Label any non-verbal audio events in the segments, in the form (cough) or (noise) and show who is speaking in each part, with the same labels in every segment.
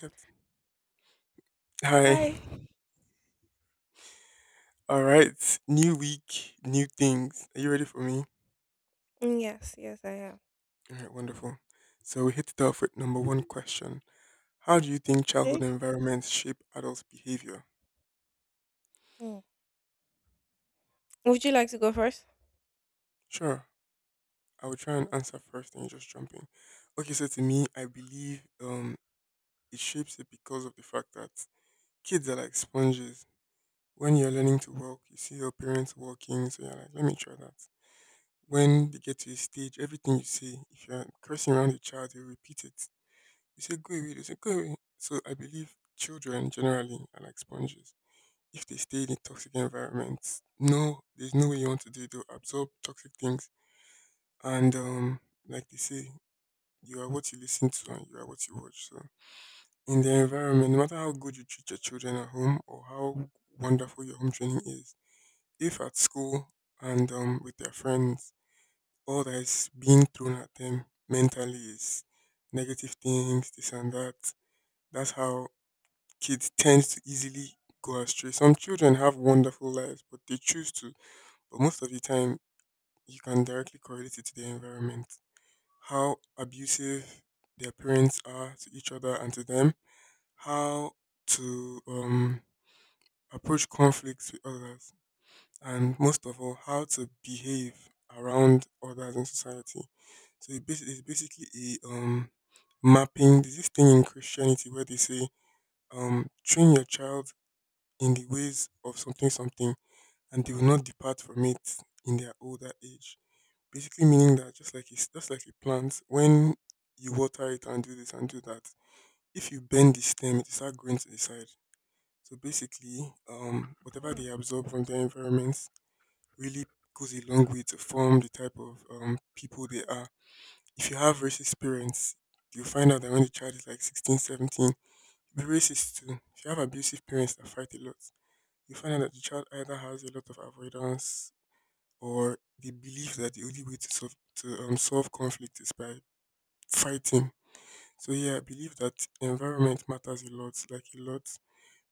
Speaker 1: Captain. Hi.
Speaker 2: Hi.
Speaker 1: All right. New week, new things. Are you ready for me?
Speaker 2: Yes, yes, I am.
Speaker 1: All right. Wonderful. So we hit it off with number one question. How do you think childhood
Speaker 2: Okay.
Speaker 1: environments shape adults' behavior?
Speaker 2: Mm. Would you like to go first?
Speaker 1: Sure. I will try and answer first and you just jump in. Okay. So to me, I believe it shapes it because of the fact that kids are like sponges. When you're learning to walk, you see your parents walking, so you're like, let me try that. When they get to a stage, everything you see, if you're cursing around a child, they repeat it. They say go away. They say go away. So I believe children generally are like sponges. If they stay in a toxic environment, no, there's no way you want to do it. They'll absorb toxic things. And like they say, you are what you listen to and you are what you watch. So in the environment, no matter how good you treat your children at home or how wonderful your home training is, if at school and with their friends, all that is being thrown at them mentally is negative things, this and that. That's how kids tend to easily go astray. Some children have wonderful lives, but they choose to. But most of the time, you can directly correlate it to their environment. How abusive their parents are to each other and to them. How to approach conflicts with others. And most of all, how to behave around others in society. So it's basically a mapping. There's this thing in Christianity where they say, train your child in the ways of something something and they will not depart from it in their older age. Basically meaning that just like it's just like a plant, when you water it and do this and do that, if you bend the stem it will start growing to the side. So basically, whatever
Speaker 2: Mm.
Speaker 1: they absorb from their environments really goes a long way to form the type of people they are. If you have racist parents, you find out that when the child is like 16, 17, you'll be racist too. If you have abusive parents that fight a lot, you find out that the child either has a lot of avoidance or the belief that the only way to solve, to solve conflict is by fighting. So yeah, I believe that environment matters a lot, like a lot,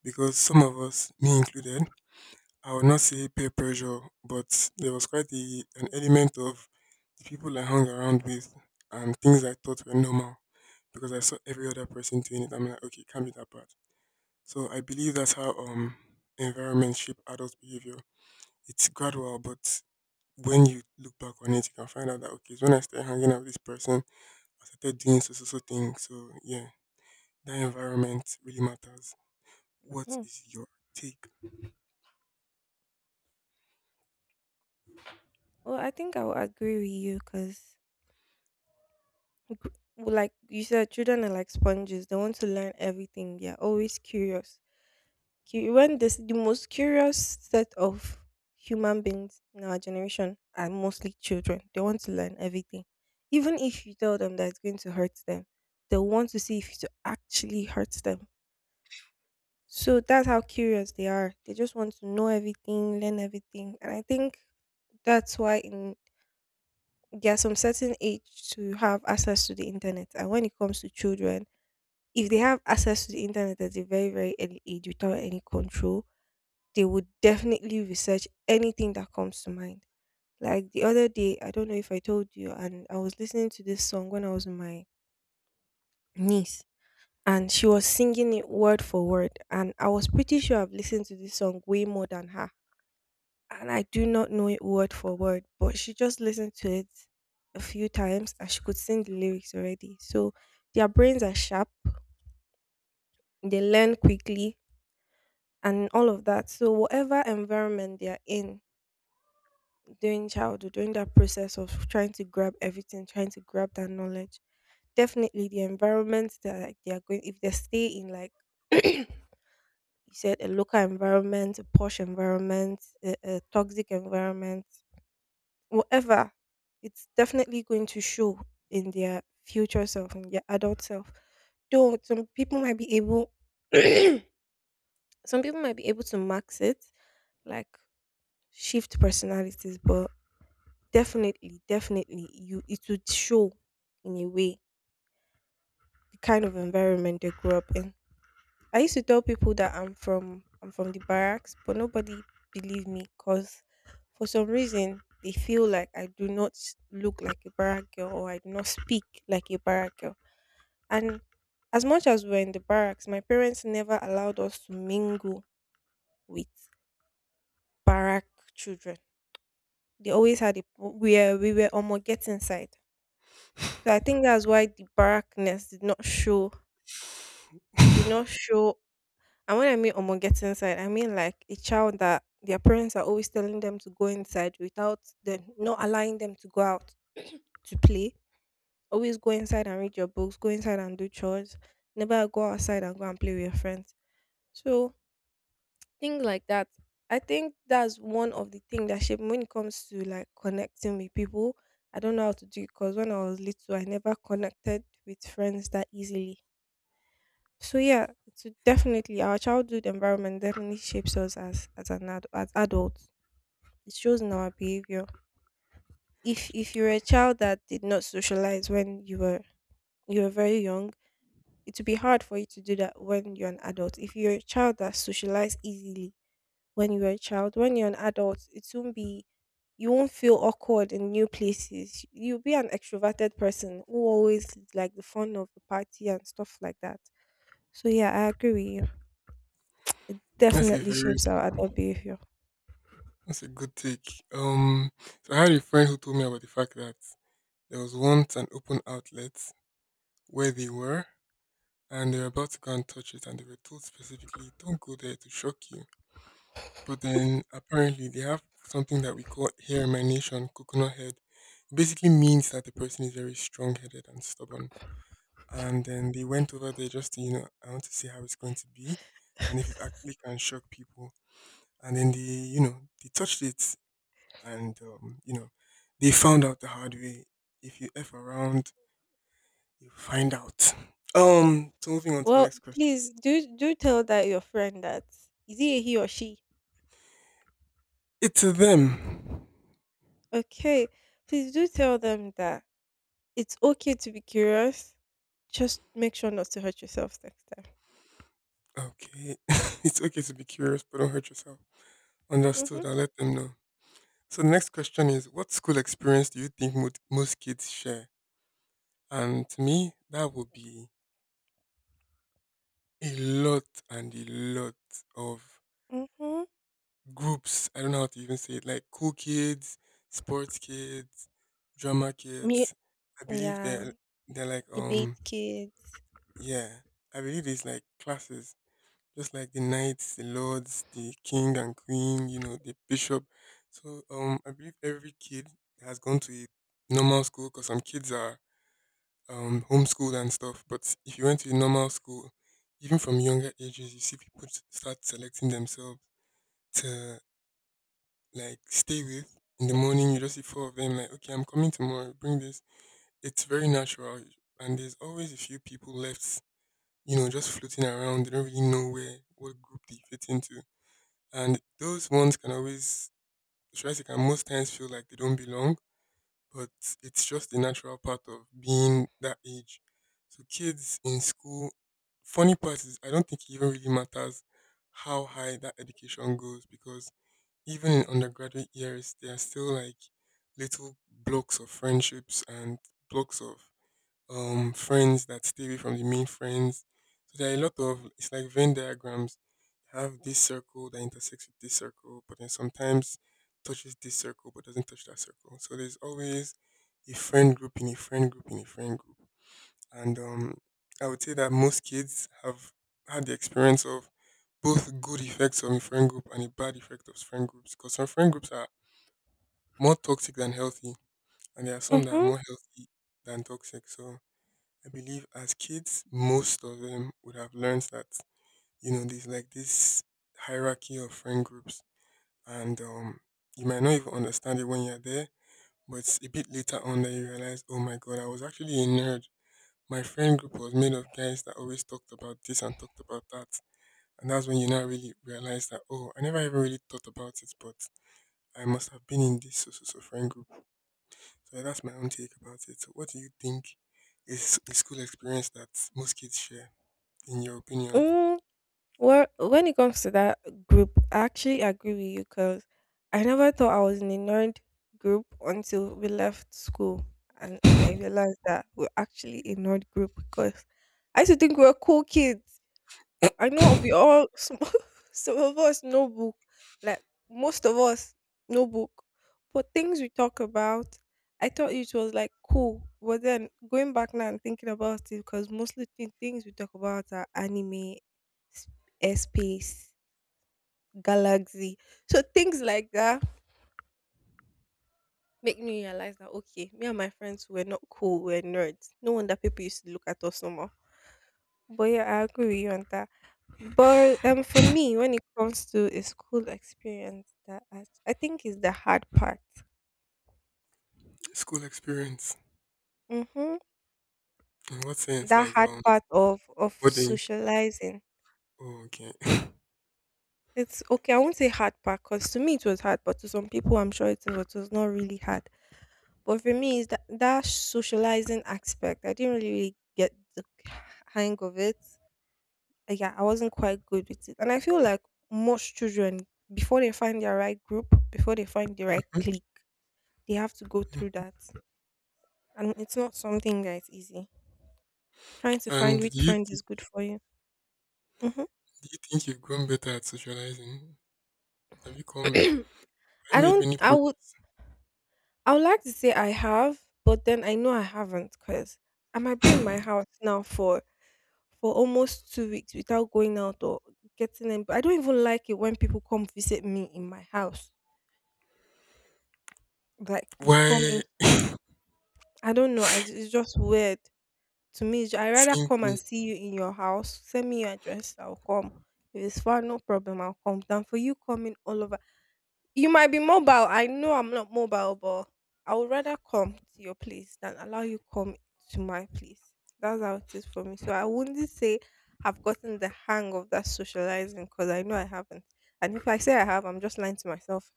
Speaker 1: because some of us, me included, I would not say peer pressure, but there was quite an element of the people I hung around with and things I thought were normal because I saw every other person doing it. I'm like, okay, it can't be that bad. So I believe that's how environment shape adult behavior. It's gradual, but when you look back on it, you can find out that okay, it's when I started hanging out with this person, I started doing so so so things. So yeah, that environment really matters. What
Speaker 2: Mm.
Speaker 1: is your take?
Speaker 2: Well, I think I will agree with you because, like you said, children are like sponges. They want to learn everything. They're always curious. The most curious set of human beings in our generation are mostly children. They want to learn everything. Even if you tell them that it's going to hurt them, they want to see if it actually hurts them. So that's how curious they are. They just want to know everything, learn everything. And I think that's why in there's some certain age to have access to the internet. And when it comes to children, if they have access to the internet at a very, very early age without any control, they would definitely research anything that comes to mind. Like the other day, I don't know if I told you, and I was listening to this song when I was with my niece, and she was singing it word for word. And I was pretty sure I've listened to this song way more than her and I do not know it word for word, but she just listened to it a few times and she could sing the lyrics already. So their brains are sharp, they learn quickly, and all of that. So, whatever environment they are in during childhood, during that process of trying to grab everything, trying to grab that knowledge, definitely the environment that, like, they are going, if they stay in, like, (clears throat) you said, a local environment, a posh environment, a toxic environment, whatever, it's definitely going to show in their future self and their adult self. Though some people might be able, (clears throat) some people might be able to max it, like shift personalities, but definitely, definitely, you it would show in a way the kind of environment they grew up in. I used to tell people that I'm from the barracks, but nobody believed me because for some reason they feel like I do not look like a barrack girl or I do not speak like a barrack girl. And as much as we're in the barracks, my parents never allowed us to mingle with barrack children. They always had a we were almost getting side. So I think that's why the barrackness did not show. It did not show. And when I mean Omo get inside, I mean like a child that their parents are always telling them to go inside without them not allowing them to go out (clears throat) to play. Always go inside and read your books, go inside and do chores. Never go outside and go and play with your friends. So things like that. I think that's one of the things that shape me when it comes to, like, connecting with people. I don't know how to do it because when I was little, I never connected with friends that easily, so yeah, it's definitely our childhood environment definitely shapes us as as adults. It shows in our behavior. If you're a child that did not socialize when you were very young, it would be hard for you to do that when you're an adult. If you're a child that socialized easily when you were a child, when you're an adult, it won't be you won't feel awkward in new places. You'll be an extroverted person who always is like the fun of the party and stuff like that. So yeah, I agree with you.
Speaker 1: That's a
Speaker 2: Definitely
Speaker 1: very
Speaker 2: shapes our adult behavior.
Speaker 1: that's a good take. So I had a friend who told me about the fact that there was once an open outlet where they were, and they were about to go and touch it, and they were told specifically, "Don't go there; to shock you." But then apparently they have something that we call hair emanation, coconut head. It basically means that the person is very strong headed and stubborn. And then they went over there just to, you know, I want to see how it's going to be and if it actually can shock people. And then they, you know, they touched it and, you know, they found out the hard way. If you F around, you find out. So moving on to the
Speaker 2: Well,
Speaker 1: next question.
Speaker 2: please do tell that your friend that, is he a he or she?
Speaker 1: It's a them.
Speaker 2: Okay, please do tell them that it's okay to be curious. Just make sure not to hurt yourself next time.
Speaker 1: Okay. (laughs) it's okay to be curious, but don't hurt yourself. Understood.
Speaker 2: Mhm.
Speaker 1: I'll let them know. So the next question is, what school experience do you think most kids share? And to me, that would be a lot and a lot of
Speaker 2: Mhm.
Speaker 1: groups. I don't know how to even say it. Like cool kids, sports kids, drama
Speaker 2: Me.
Speaker 1: kids. I believe
Speaker 2: Yeah.
Speaker 1: they're like
Speaker 2: Debate kids.
Speaker 1: yeah. I believe it's like classes just like the knights, the lords, the king and queen, you know, the bishop. So I believe every kid has gone to a normal school because some kids are homeschooled and stuff. But if you went to a normal school, even from younger ages, you see people start selecting themselves to like stay with. In the morning, you just see four of them like, okay, I'm coming tomorrow. Bring this. It's very natural, and there's always a few people left. You know, just floating around. They don't really know where what group they fit into. And those ones can always, should I say, can most times feel like they don't belong, but it's just the natural part of being that age. So kids in school, funny part is I don't think it even really matters how high that education goes because even in undergraduate years, there are still like little blocks of friendships and blocks of friends that stay away from the main friends. So there are a lot of it's like Venn diagrams. You have this circle that intersects with this circle, but then sometimes touches this circle but doesn't touch that circle. So there's always a friend group in a friend group in a friend group. And I would say that most kids have had the experience of both good effects of a friend group and a bad effect of friend groups because some friend groups are more toxic than healthy and there are some that are
Speaker 2: Mm-hmm.
Speaker 1: more healthy than toxic. So I believe as kids, most of them would have learned that, you know, there's like this hierarchy of friend groups. And you might not even understand it when you're there, but it's a bit later on that you realize, oh my God, I was actually a nerd. My friend group was made of guys that always talked about this and talked about that. And that's when you now really realize that, oh, I never even really thought about it, but I must have been in this so so so friend group. So that's my own take about it. So what do you think is a school experience that most kids share, in your opinion?
Speaker 2: Mm-hmm. Well, when it comes to that group, I actually agree with you because I never thought I was in a nerd group until we left school. And I realized that we're actually a nerd group because I used to think we were cool kids. I know we all (laughs) some of us no book, like most of us no book, but things we talk about, I thought it was like cool, but then going back now and thinking about it, because mostly the things we talk about are anime, space, galaxy, so things like that make me realize that okay, me and my friends were not cool, we're nerds. No wonder people used to look at us no more. But yeah, I agree with you on that. But for me, when it comes to a school experience, that I think is the hard part.
Speaker 1: School experience.
Speaker 2: Mm-hmm.
Speaker 1: In what sense?
Speaker 2: That
Speaker 1: Like
Speaker 2: hard part of
Speaker 1: boarding.
Speaker 2: socializing.
Speaker 1: Oh, okay. (laughs)
Speaker 2: It's okay. I won't say hard part because to me it was hard, but to some people I'm sure it was not really hard. But for me, is that socializing aspect? I didn't really, really get the hang of it. Like, yeah, I wasn't quite good with it, and I feel like most children, before they find their right group, before they find the right clique, they have to go through that. And it's not something that is easy. Trying to find
Speaker 1: And
Speaker 2: which
Speaker 1: do you
Speaker 2: friend
Speaker 1: do
Speaker 2: is good for you. Hmm.
Speaker 1: you think you've grown better at socializing? Have
Speaker 2: (clears throat)
Speaker 1: you
Speaker 2: I
Speaker 1: made
Speaker 2: don't,
Speaker 1: any progress?
Speaker 2: I would like to say I have, but then I know I haven't because I might be in my house now for almost 2 weeks without going out or getting in. But I don't even like it when people come visit me in my house. Like you come
Speaker 1: Why
Speaker 2: in, I don't know. It's just weird. To me, I rather
Speaker 1: same
Speaker 2: come and
Speaker 1: thing?
Speaker 2: see you in your house. Send me your address, I'll come. If it's far, no problem, I'll come. Than for you coming all over. You might be mobile. I know I'm not mobile, but I would rather come to your place than allow you come to my place. That's how it is for me. So I wouldn't say I've gotten the hang of that socializing because I know I haven't. And if I say I have, I'm just lying to myself.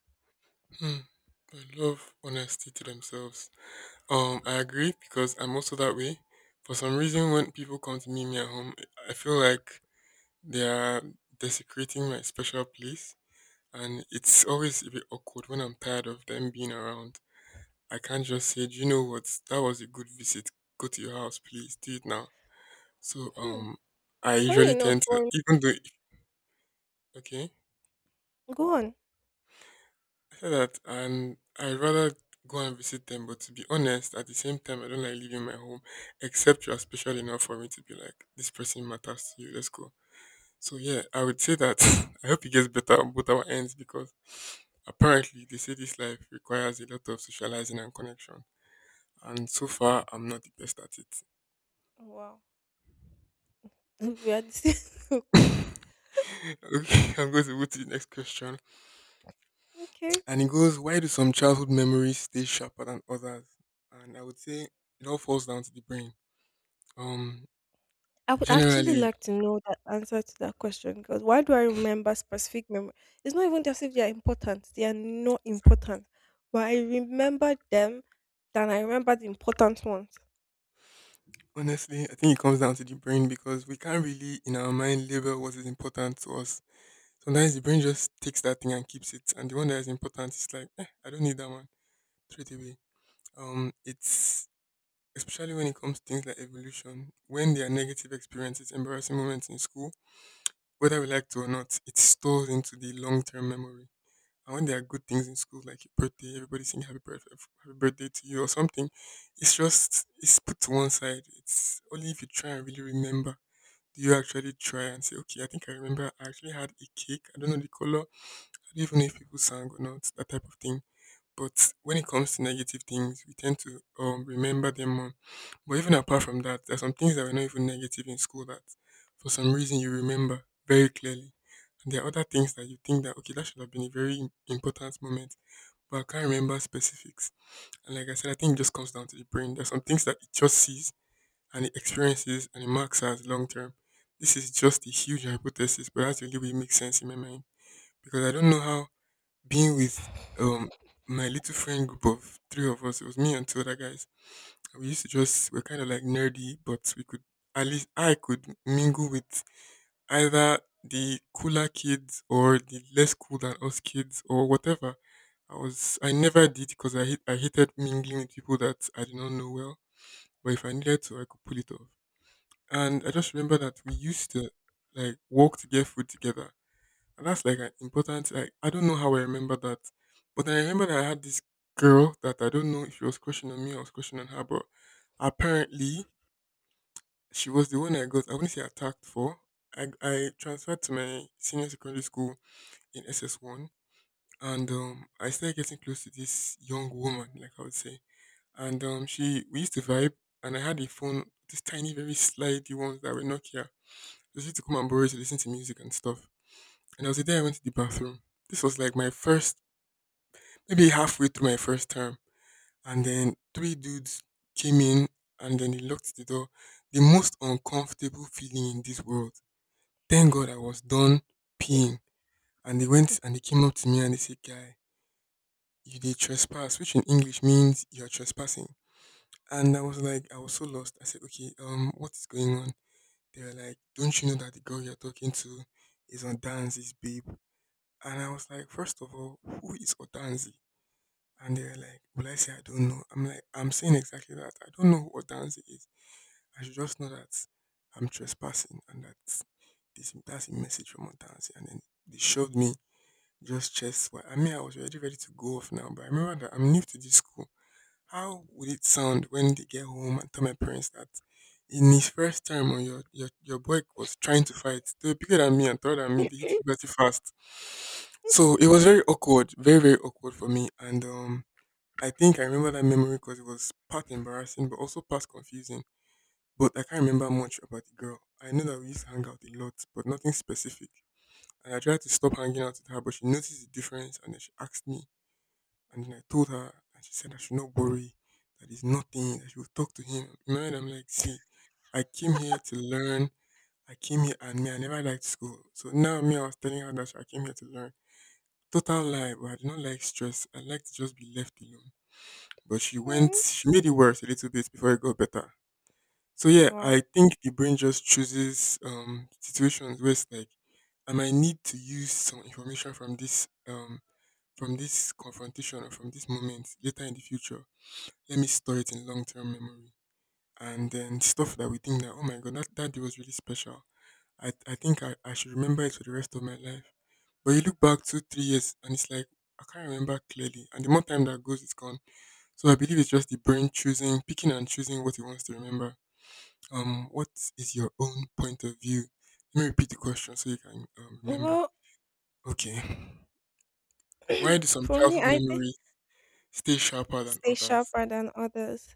Speaker 1: Hmm. I love honesty to themselves. I agree because I'm also that way. For some reason, when people come to meet me at home, I feel like they are desecrating my special place, and it's always a bit awkward when I'm tired of them being around. I can't just say, do you know what? That was a good visit. Go to your house, please. Do it now. So
Speaker 2: Hmm.
Speaker 1: I
Speaker 2: Funny
Speaker 1: usually
Speaker 2: enough,
Speaker 1: tend to
Speaker 2: for
Speaker 1: even though okay,
Speaker 2: go on.
Speaker 1: I said that, and I rather go and visit them. But to be honest, at the same time, I don't like leaving my home, except you are special enough for me to be like, this person matters to you. Let's go. So yeah, I would say that (laughs) I hope it gets better on both our ends because apparently they say this life requires a lot of socializing and connection. And so far, I'm not the best at it.
Speaker 2: Wow, (laughs) we are the same. (laughs) So
Speaker 1: (laughs)
Speaker 2: close.
Speaker 1: okay, I'm going to move to the next question.
Speaker 2: Okay.
Speaker 1: And it goes, why do some childhood memories stay sharper than others? And I would say it all falls down to the brain. Um,
Speaker 2: I would actually
Speaker 1: generally,
Speaker 2: like to know that answer to that question because why do I remember specific memory? It's not even just if they are important; they are not important, but I remember them than I remember the important ones.
Speaker 1: honestly, I think it comes down to the brain because we can't really, in our mind, label what is important to us. Sometimes the brain just takes that thing and keeps it, and the one that is important is like, eh, I don't need that one. Throw it away. It's especially when it comes to things like evolution, when there are negative experiences, embarrassing moments in school, whether we like to or not, it's stored into the long term memory. And when there are good things in school, like your birthday, everybody sing happy birthday to you or something, it's just it's put to one side. It's only if you try and really remember. Do you actually try and say, okay, I think I remember I actually had a cake. I don't know the color. I don't even know if people sang or not. That type of thing. But when it comes to negative things, we tend to remember them more. But even apart from that, there are some things that were not even negative in school that for some reason you remember very clearly. And there are other things that you think that, okay, that should have been a very important moment, but I can't remember specifics. And like I said, I think it just comes down to the brain. There are some things that it just sees and it experiences and it marks as long term. This is just a huge hypothesis, but that's really what makes sense in my mind. Because I don't know how being with um my little friend group of three of us. It was me and two other guys. We used to just we're kind of like nerdy, but we could at least I could mingle with either the cooler kids or the less cool than us kids or whatever. I never did because I hated mingling with people that I did not know well. But if I needed to, I could pull it off. And I just remember that we used to like walk to get food together, and that's like an important, like, I don't know how I remember that. But then I remember that I had this girl that I don't know if she was crushing on me or I was crushing on her, but apparently she was the one I wouldn't say attacked for. I transferred to my senior secondary school in SS one, and I started getting close to this young woman, like I would say. And she we used to vibe, and I had a phone, this tiny, very slidey ones that were Nokia. Just used to come and borrow it to listen to music and stuff. And I was the day I went to the bathroom. This was like my first maybe halfway through my first term, and then three dudes came in and then they locked the door. The most uncomfortable feeling in this world. Thank God I was done peeing. And they went and they came up to me and they said, "Guy, you did trespass," which in English means you're trespassing. And I was like, I was so lost. I said, "Okay, what is going on?" They were like, "Don't you know that the girl you're talking to is on Danzi's babe?" And I was like, "First of all, who is Otanzi?" And they were like, "Will I say I don't know?" I'm like, "I'm saying exactly that. I don't know what dance it is. I should just know that I'm trespassing and that this that's a message from Otansi." And then they showed me just chest wide. I mean, I was already ready to go off now, but I remember that I'm new to this school. How would it sound when they get home and tell my parents that in his first term on your boy was trying to fight. They were bigger than me and taller than me, they hit puberty fast. So it was very awkward, very, very awkward for me. And I think I remember that memory because it was part embarrassing but also part confusing. But I can't remember much about the girl. I know that we used to hang out a lot, but nothing specific. And I tried to stop hanging out with her, but she noticed the difference and then she asked me. And then I told her, and she said I should not worry, that is nothing, that she will talk to him. You know, and I'm like, see, I came here to learn. I came here, and me, I never liked school. So now me, I was telling her that I came here to learn. Total lie, but I do not like stress. I like to just be left alone. But she went,
Speaker 2: Mm.
Speaker 1: she made it worse a little bit before it got better. So yeah, I
Speaker 2: Wow.
Speaker 1: think the brain just chooses situations where it's like I might need to use some information from this from this confrontation or from this moment later in the future. Let me store it in long-term memory. And then stuff that we think that, oh my god, that day was really special, I think I should remember it for the rest of my life, but you look back two, three years and it's like I can't remember clearly, and the more time that goes it's gone. So I believe it's just the brain choosing, picking and choosing what it wants to remember. What is your own point of view? Let me repeat the question so you can remember.
Speaker 2: Well,
Speaker 1: Okay. Why do
Speaker 2: (clears throat)
Speaker 1: some
Speaker 2: for me,
Speaker 1: childhood
Speaker 2: I think.
Speaker 1: memories stay sharper than
Speaker 2: Stay
Speaker 1: others?
Speaker 2: sharper than others.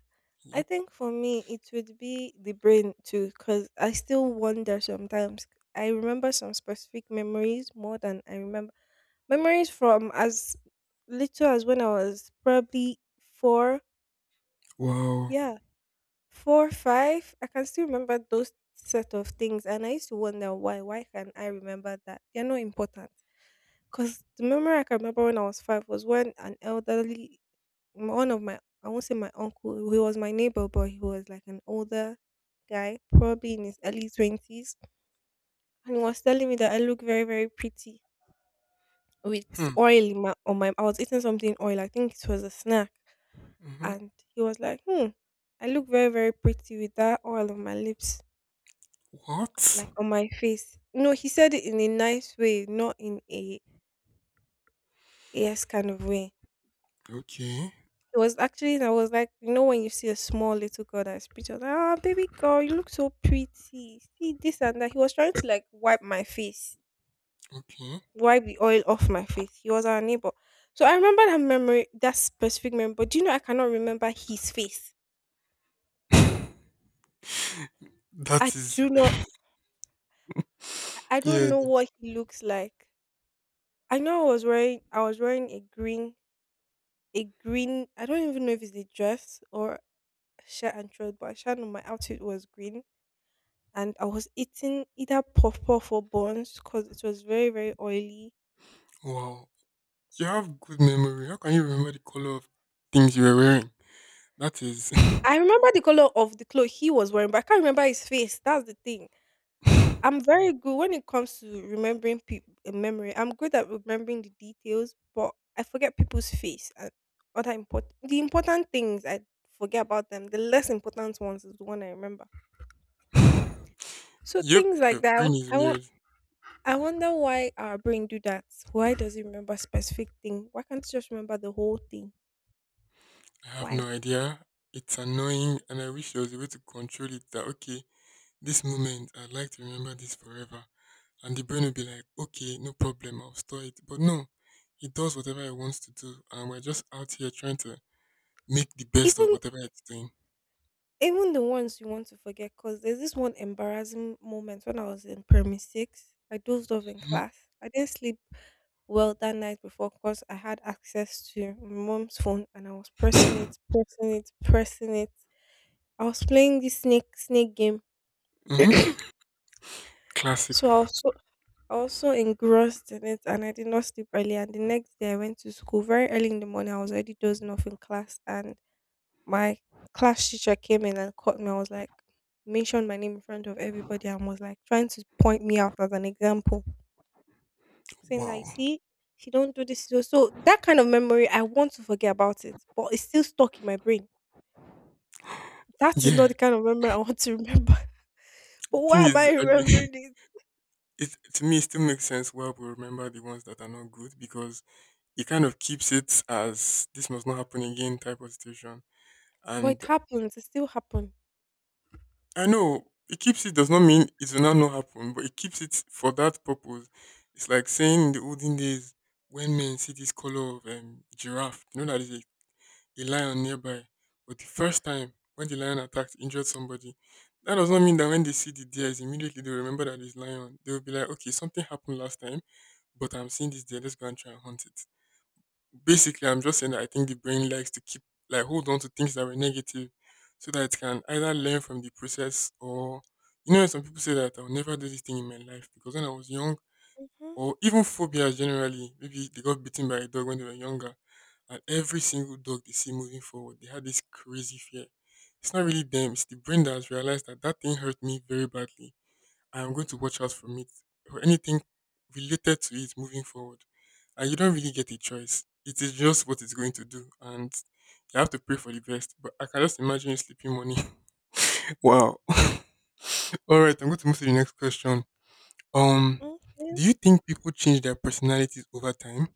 Speaker 2: I
Speaker 1: Yep.
Speaker 2: think for me, it would be the brain too, because I still wonder sometimes. I remember some specific memories more than I remember memories from as little as when I was probably four,
Speaker 1: Wow.
Speaker 2: yeah, four, five. I can still remember those set of things, and I used to wonder why. Why can I remember that? They're not important. Because the memory I can remember when I was five was when an elderly one of my I won't say my uncle, he was my neighbor, but he was like an older guy, probably in his early 20s, and he was telling me that I look very very pretty with
Speaker 1: Hmm.
Speaker 2: oil in my, on my. I was eating something oil. I think it was a snack,
Speaker 1: Mm-hmm.
Speaker 2: and he was like, "Hmm, I look very very pretty with that oil on my lips,
Speaker 1: What?
Speaker 2: like on my face." No, he said it in a nice way, not in a yes kind of way.
Speaker 1: Okay.
Speaker 2: It was actually, I was like, you know, when you see a small little girl that's pretty, I was like, ah, baby girl, you look so pretty. See this and that. He was trying to like wipe my face,
Speaker 1: Okay.
Speaker 2: wipe the oil off my face. He was our neighbor. So I remember that memory, that specific memory. But do you know, I cannot remember his face.
Speaker 1: (laughs)
Speaker 2: I
Speaker 1: That is
Speaker 2: do not, I don't
Speaker 1: yeah.
Speaker 2: know what he looks like. I know I was wearing a green, I don't even know if it's a dress or shirt and trouser, but I sure know my outfit was green and I was eating either puff puff or buns because it was very very oily.
Speaker 1: Wow. You have good memory. How can you remember the color of things you were wearing? That is. (laughs)
Speaker 2: I remember the color of the clothes he was wearing, but I can't remember his face. That's the thing. I'm very good when it comes to remembering people memory. I'm good at remembering the details, but I forget people's face and other important the important things I forget about them. The less important ones is the one I remember. So
Speaker 1: Yep.
Speaker 2: things
Speaker 1: Your
Speaker 2: like that.
Speaker 1: brain is weird.
Speaker 2: I wonder why our brain do that. Why does it remember specific thing? Why can't it just remember the whole thing?
Speaker 1: I have no
Speaker 2: Why?
Speaker 1: idea. It's annoying, and I wish there was a way to control it. That okay, this moment I'd like to remember this forever, and the brain will be like, okay, no problem, I'll store it. But no, it does whatever it wants to do, and we're just out here trying to make the best of
Speaker 2: Even
Speaker 1: whatever it's doing.
Speaker 2: even the ones you want to forget, cause there's this one embarrassing moment when I was in primary six. I dozed off in
Speaker 1: Hmm.
Speaker 2: class. I didn't sleep well that night before, cause I had access to my mom's phone and I was pressing it, pressing it, pressing it. I was playing this snake snake game.
Speaker 1: Hmm. Classic.
Speaker 2: So I was so engrossed in it, and I did not sleep early, and the next day I went to school very early in the morning. I was already dozing off in class, and my class teacher came in and caught me. Mentioned my name in front of everybody and was like trying to point me out as an example, saying that, "you
Speaker 1: Wow.
Speaker 2: see, if you don't do this, you do-" So that kind of memory, I want to forget about it, but it's still stuck in my brain. That is not the
Speaker 1: Yeah,
Speaker 2: kind of memory I want to remember. (laughs)
Speaker 1: the
Speaker 2: But
Speaker 1: thing
Speaker 2: why am
Speaker 1: is,
Speaker 2: I
Speaker 1: I mean,
Speaker 2: remembering this?
Speaker 1: (laughs) it to me it still makes sense why we remember the ones that are not good because it kind of keeps it as this must not happen again type of situation.
Speaker 2: But it
Speaker 1: And
Speaker 2: happens. It still happened.
Speaker 1: I know it keeps it does not mean it will now not happen, but it keeps it for that purpose. It's like saying in the olden days when men see this color of giraffe, you know that is a lion nearby. But the first time when the lion attacked, injured somebody, that does not mean that when they see the deer, it's immediately they will remember that it's lion. They will be like, okay, something happened last time, but I'm seeing this deer. Let's go and try and hunt it. Basically, I'm just saying that I think the brain likes to keep like hold on to things that were negative, so that it can either learn from the process or you know some people say that I'll never do this thing in my life because when I was young
Speaker 2: Hmm.
Speaker 1: or even phobias generally maybe they got bitten by a dog when they were younger and every single dog they see moving forward they had this crazy fear. It's not really them; it's the brain that has realized that that thing hurt me very badly. I am going to watch out from it or anything related to it moving forward. And you don't really get a choice. It is just what it's going to do. And you have to pray for the best. But I can just imagine you sleeping money. (laughs) Wow. (laughs) All right, I'm going to move to the next question. Um,
Speaker 2: Okay.
Speaker 1: do you think people change their personalities over time?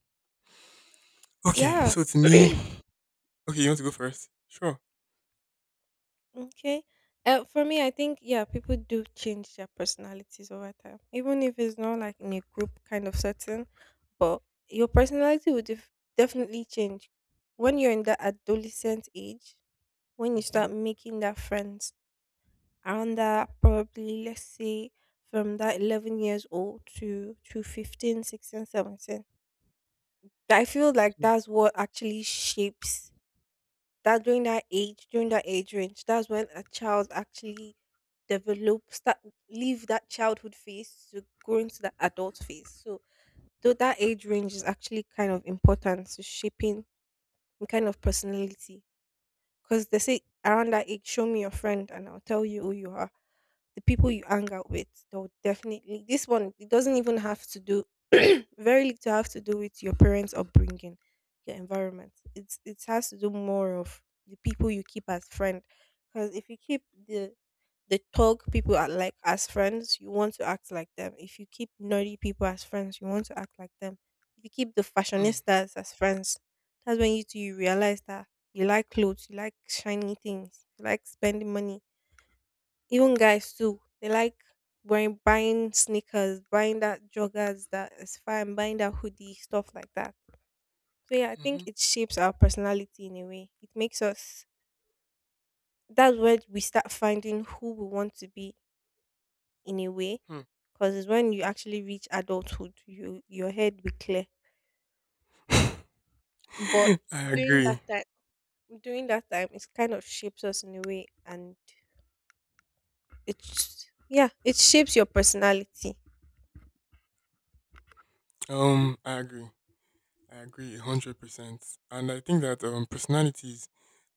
Speaker 1: Okay,
Speaker 2: Yeah.
Speaker 1: so to me, okay, you want to go first? Sure.
Speaker 2: Okay. For me, I think, yeah, people do change their personalities over time, even if it's not like in a group kind of setting. But your personality will definitely change when you're in that adolescent age. When you
Speaker 1: Hmm.
Speaker 2: start making that friends around that, probably let's say, from that 11 years old to 15, 16, 17. I feel like
Speaker 1: Mhm,
Speaker 2: that's what actually shapes, that during that age range, that's when a child actually develops, start leave that childhood phase to go into the adult phase, so though that age range is actually kind of important to shaping the kind of personality, because they say around that age, show me your friend and I'll tell you who you are. The people you hang out with, they'll definitely. This one, it doesn't even have to do, (clears throat) very little have to do with your parents' upbringing, your environment. It has to do more of the people you keep as friend. Because if you keep the the thug people are like as friends, you want to act like them. If you keep nerdy people as friends, you want to act like them. If you keep the fashionistas as friends, that's when you realize that you like clothes, you like shiny things, you like spending money, even guys too, they like wearing buying sneakers, buying that joggers that is fine, buying that hoodie, stuff like that. So yeah, I think
Speaker 1: mhm,
Speaker 2: it shapes our personality in a way. It makes us that's where we start finding who we want to be, in a way.
Speaker 1: mhm.
Speaker 2: Because it's when you actually reach adulthood, your head be clear.
Speaker 1: (laughs)
Speaker 2: But
Speaker 1: I
Speaker 2: during
Speaker 1: agree.
Speaker 2: that time during that time it kind of shapes us in a way, and it's yeah, it shapes your personality.
Speaker 1: I agree. I agree 100%. And I think that personalities,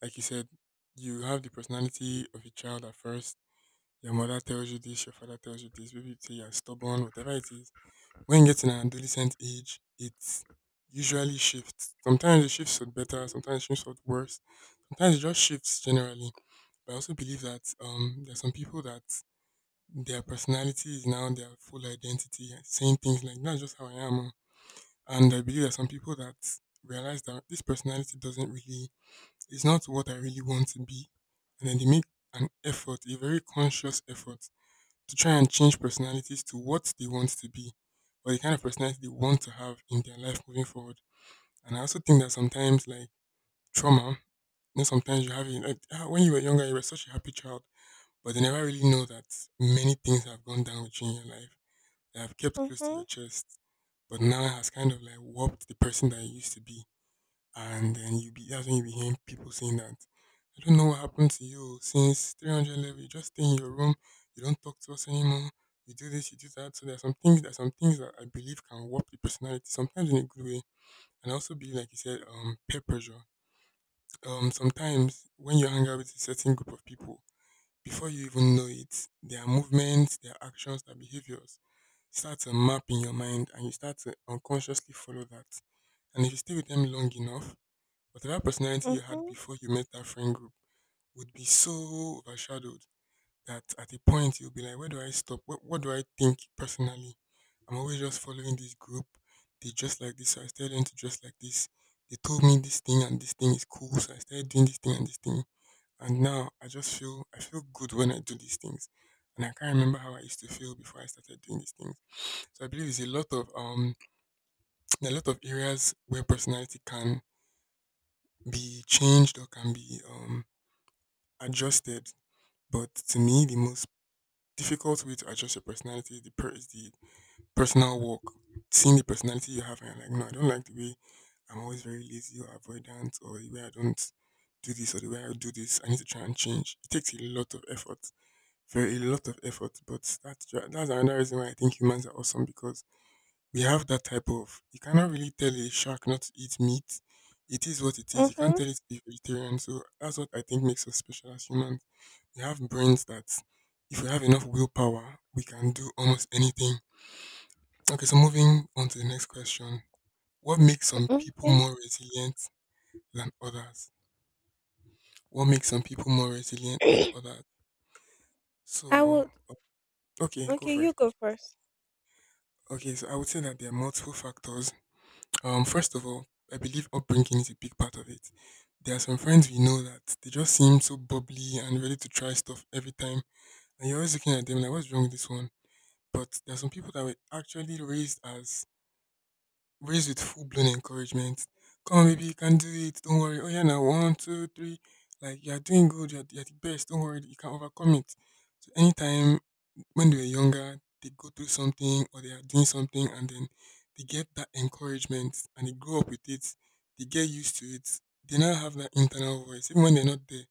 Speaker 1: like you said, you have the personality of a child at first. Your mother tells you this, your father tells you this, maybe you say you're stubborn, whatever it is. When you get in an adolescent age, it usually shifts. Sometimes it shifts for better, sometimes it shifts for worse. Sometimes it just shifts generally. But I also believe that there are some people that their personality is now their full identity, and saying things like that's just how I am. Oh." And I believe there are some people that realize that this personality doesn't really it's not what I really want to be. And then they make an effort, a very conscious effort to try and change personalities to what they want to be or the kind of personality they want to have in their life moving forward. And I also think that sometimes like trauma, you know, sometimes you have it like, ah, when you were younger you were such a happy child, but they never really know that many things have gone down with you in your life that I've kept close to your
Speaker 2: Mhm,
Speaker 1: chest, but now has kind of like warped the person that you used to be. And then you be that's when you be hearing people saying that I don't know what happened to you since 300 level. You just stay in your room. You don't talk to us anymore. You do this, you do that. So there are some things. There are some things that I believe can warp the personality. Sometimes in a good way, and I also believe, like you said, peer pressure. Sometimes when you hang out with a certain group of people, before you even know it, their movements, their actions, their behaviors start to map in your mind and you start to unconsciously follow that. And if you stay with them long enough, whatever personality you had
Speaker 2: mhm,
Speaker 1: before you met that friend group would be so overshadowed that at a point you'll be like, where do I stop? What do I think personally? I'm always just following this group. They dress like this, so I started them to dress like this. They told me this thing and this thing is cool, so I started doing this thing. And now I just feel I feel good when I do these things. And I can't remember how I used to feel before I started doing these things, so I believe it's a lot of (tsk) there are a lot of areas where personality can be changed or can be adjusted. But to me, the most difficult way to adjust your personality is is the personal work. Seeing the personality you have and you're like, no, I don't like the way I'm always very lazy or avoidant or the way I don't do this or the way I do this. I need to try and change. It takes a lot of effort, very a lot of effort. But that's another reason why I think humans are awesome, because we have that type of you cannot really tell a shark not to eat meat. It is what it is. You can't
Speaker 2: mhm,
Speaker 1: tell it to be vegetarian. So that's what I think makes us special as humans. We have brains that if we have enough willpower, we can do almost anything. Okay, so moving on to the next question. What makes some people
Speaker 2: mhm.
Speaker 1: more resilient than others? What makes some people more resilient than
Speaker 2: Yeah.
Speaker 1: others?
Speaker 2: (clears throat) I
Speaker 1: So
Speaker 2: would
Speaker 1: okay, go
Speaker 2: okay, you
Speaker 1: first, go
Speaker 2: go
Speaker 1: first.
Speaker 2: first.
Speaker 1: Okay, so I would say that there are multiple factors. First of all, I believe upbringing is a big part of it. There are some friends we know that they just seem so bubbly and ready to try stuff every time, and you're always looking at them like, "What's wrong with this one?" But there are some people that were actually raised with full blown encouragement. Come on, baby, you can do it. Don't worry. Oh yeah, now one, two, three. Like you are doing good. You're the best. Don't worry. You can overcome it. So anytime when they were younger, they go through something or they are doing something and then they get that encouragement and they grow up with it, they get used to it, they now have that internal voice. Even when they're not there,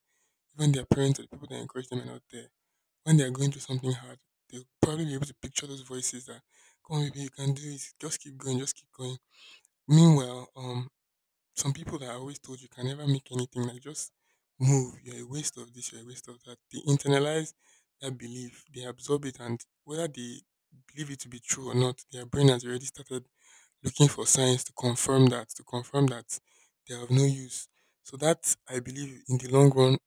Speaker 1: even their parents or the people that encourage them are not there, when they're going through something hard, they'll probably be able to picture those voices that, come on, baby, you can do it, just keep going, just keep going. Meanwhile, some people that I always told you can never make anything, like just move. You're a waste of this, you're a waste of that. They internalize that belief, they absorb it, and whether they believe it to be true or not, their brain has already started looking for signs to confirm that they have no use. So that I believe in the long run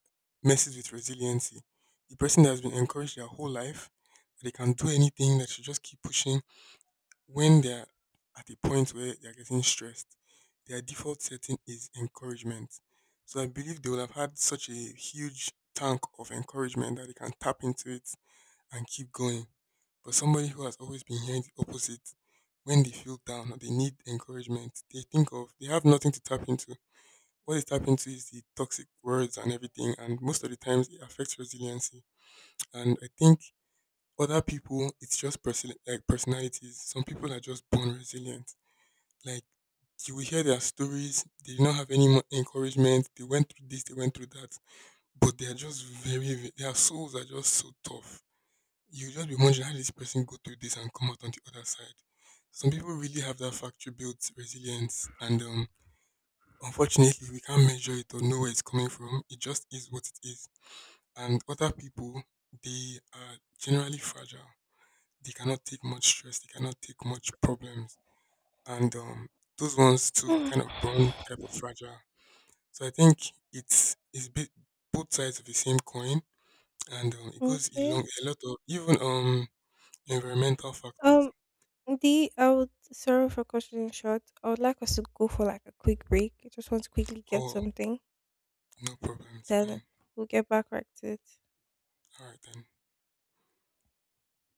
Speaker 1: messes with resiliency. The person that has been encouraged their whole life that they can do anything, that should just keep pushing, when they're at a point where they're getting stressed, their default setting is encouragement. So I believe they will have had such a huge tank of encouragement that they can tap into it and keep going. But somebody who has always been hearing the opposite, when they feel down or they need encouragement, they think of they have nothing to tap into. What they tap into is the toxic words and everything, and most of the times it affects resiliency. And I think other people, it's just like personalities. Some people are just born resilient, like you will hear their stories. They did not have any encouragement. They went through this. They went through that. But they are just very, very. Their souls are just so tough. You just be wondering how did this person go through this and come out on the other side. Some people really have that factory built resilience, and unfortunately, we can't measure it or know where it's coming from. It just is what it is. And other people, they are generally fragile. They cannot take much stress. They cannot take much problems, and those ones too are kind
Speaker 2: (sighs)
Speaker 1: of brown type of fragile. So I think it's bit both sides of the same coin, and it goes
Speaker 2: Okay.
Speaker 1: along a lot of even environmental factors.
Speaker 2: Um, D, I would sorry for cutting it short. I would like us to go for like a quick break. I just want to quickly get
Speaker 1: Oh,
Speaker 2: something,
Speaker 1: no problem, it's
Speaker 2: then
Speaker 1: fine.
Speaker 2: we'll get back right to it.
Speaker 1: All right then.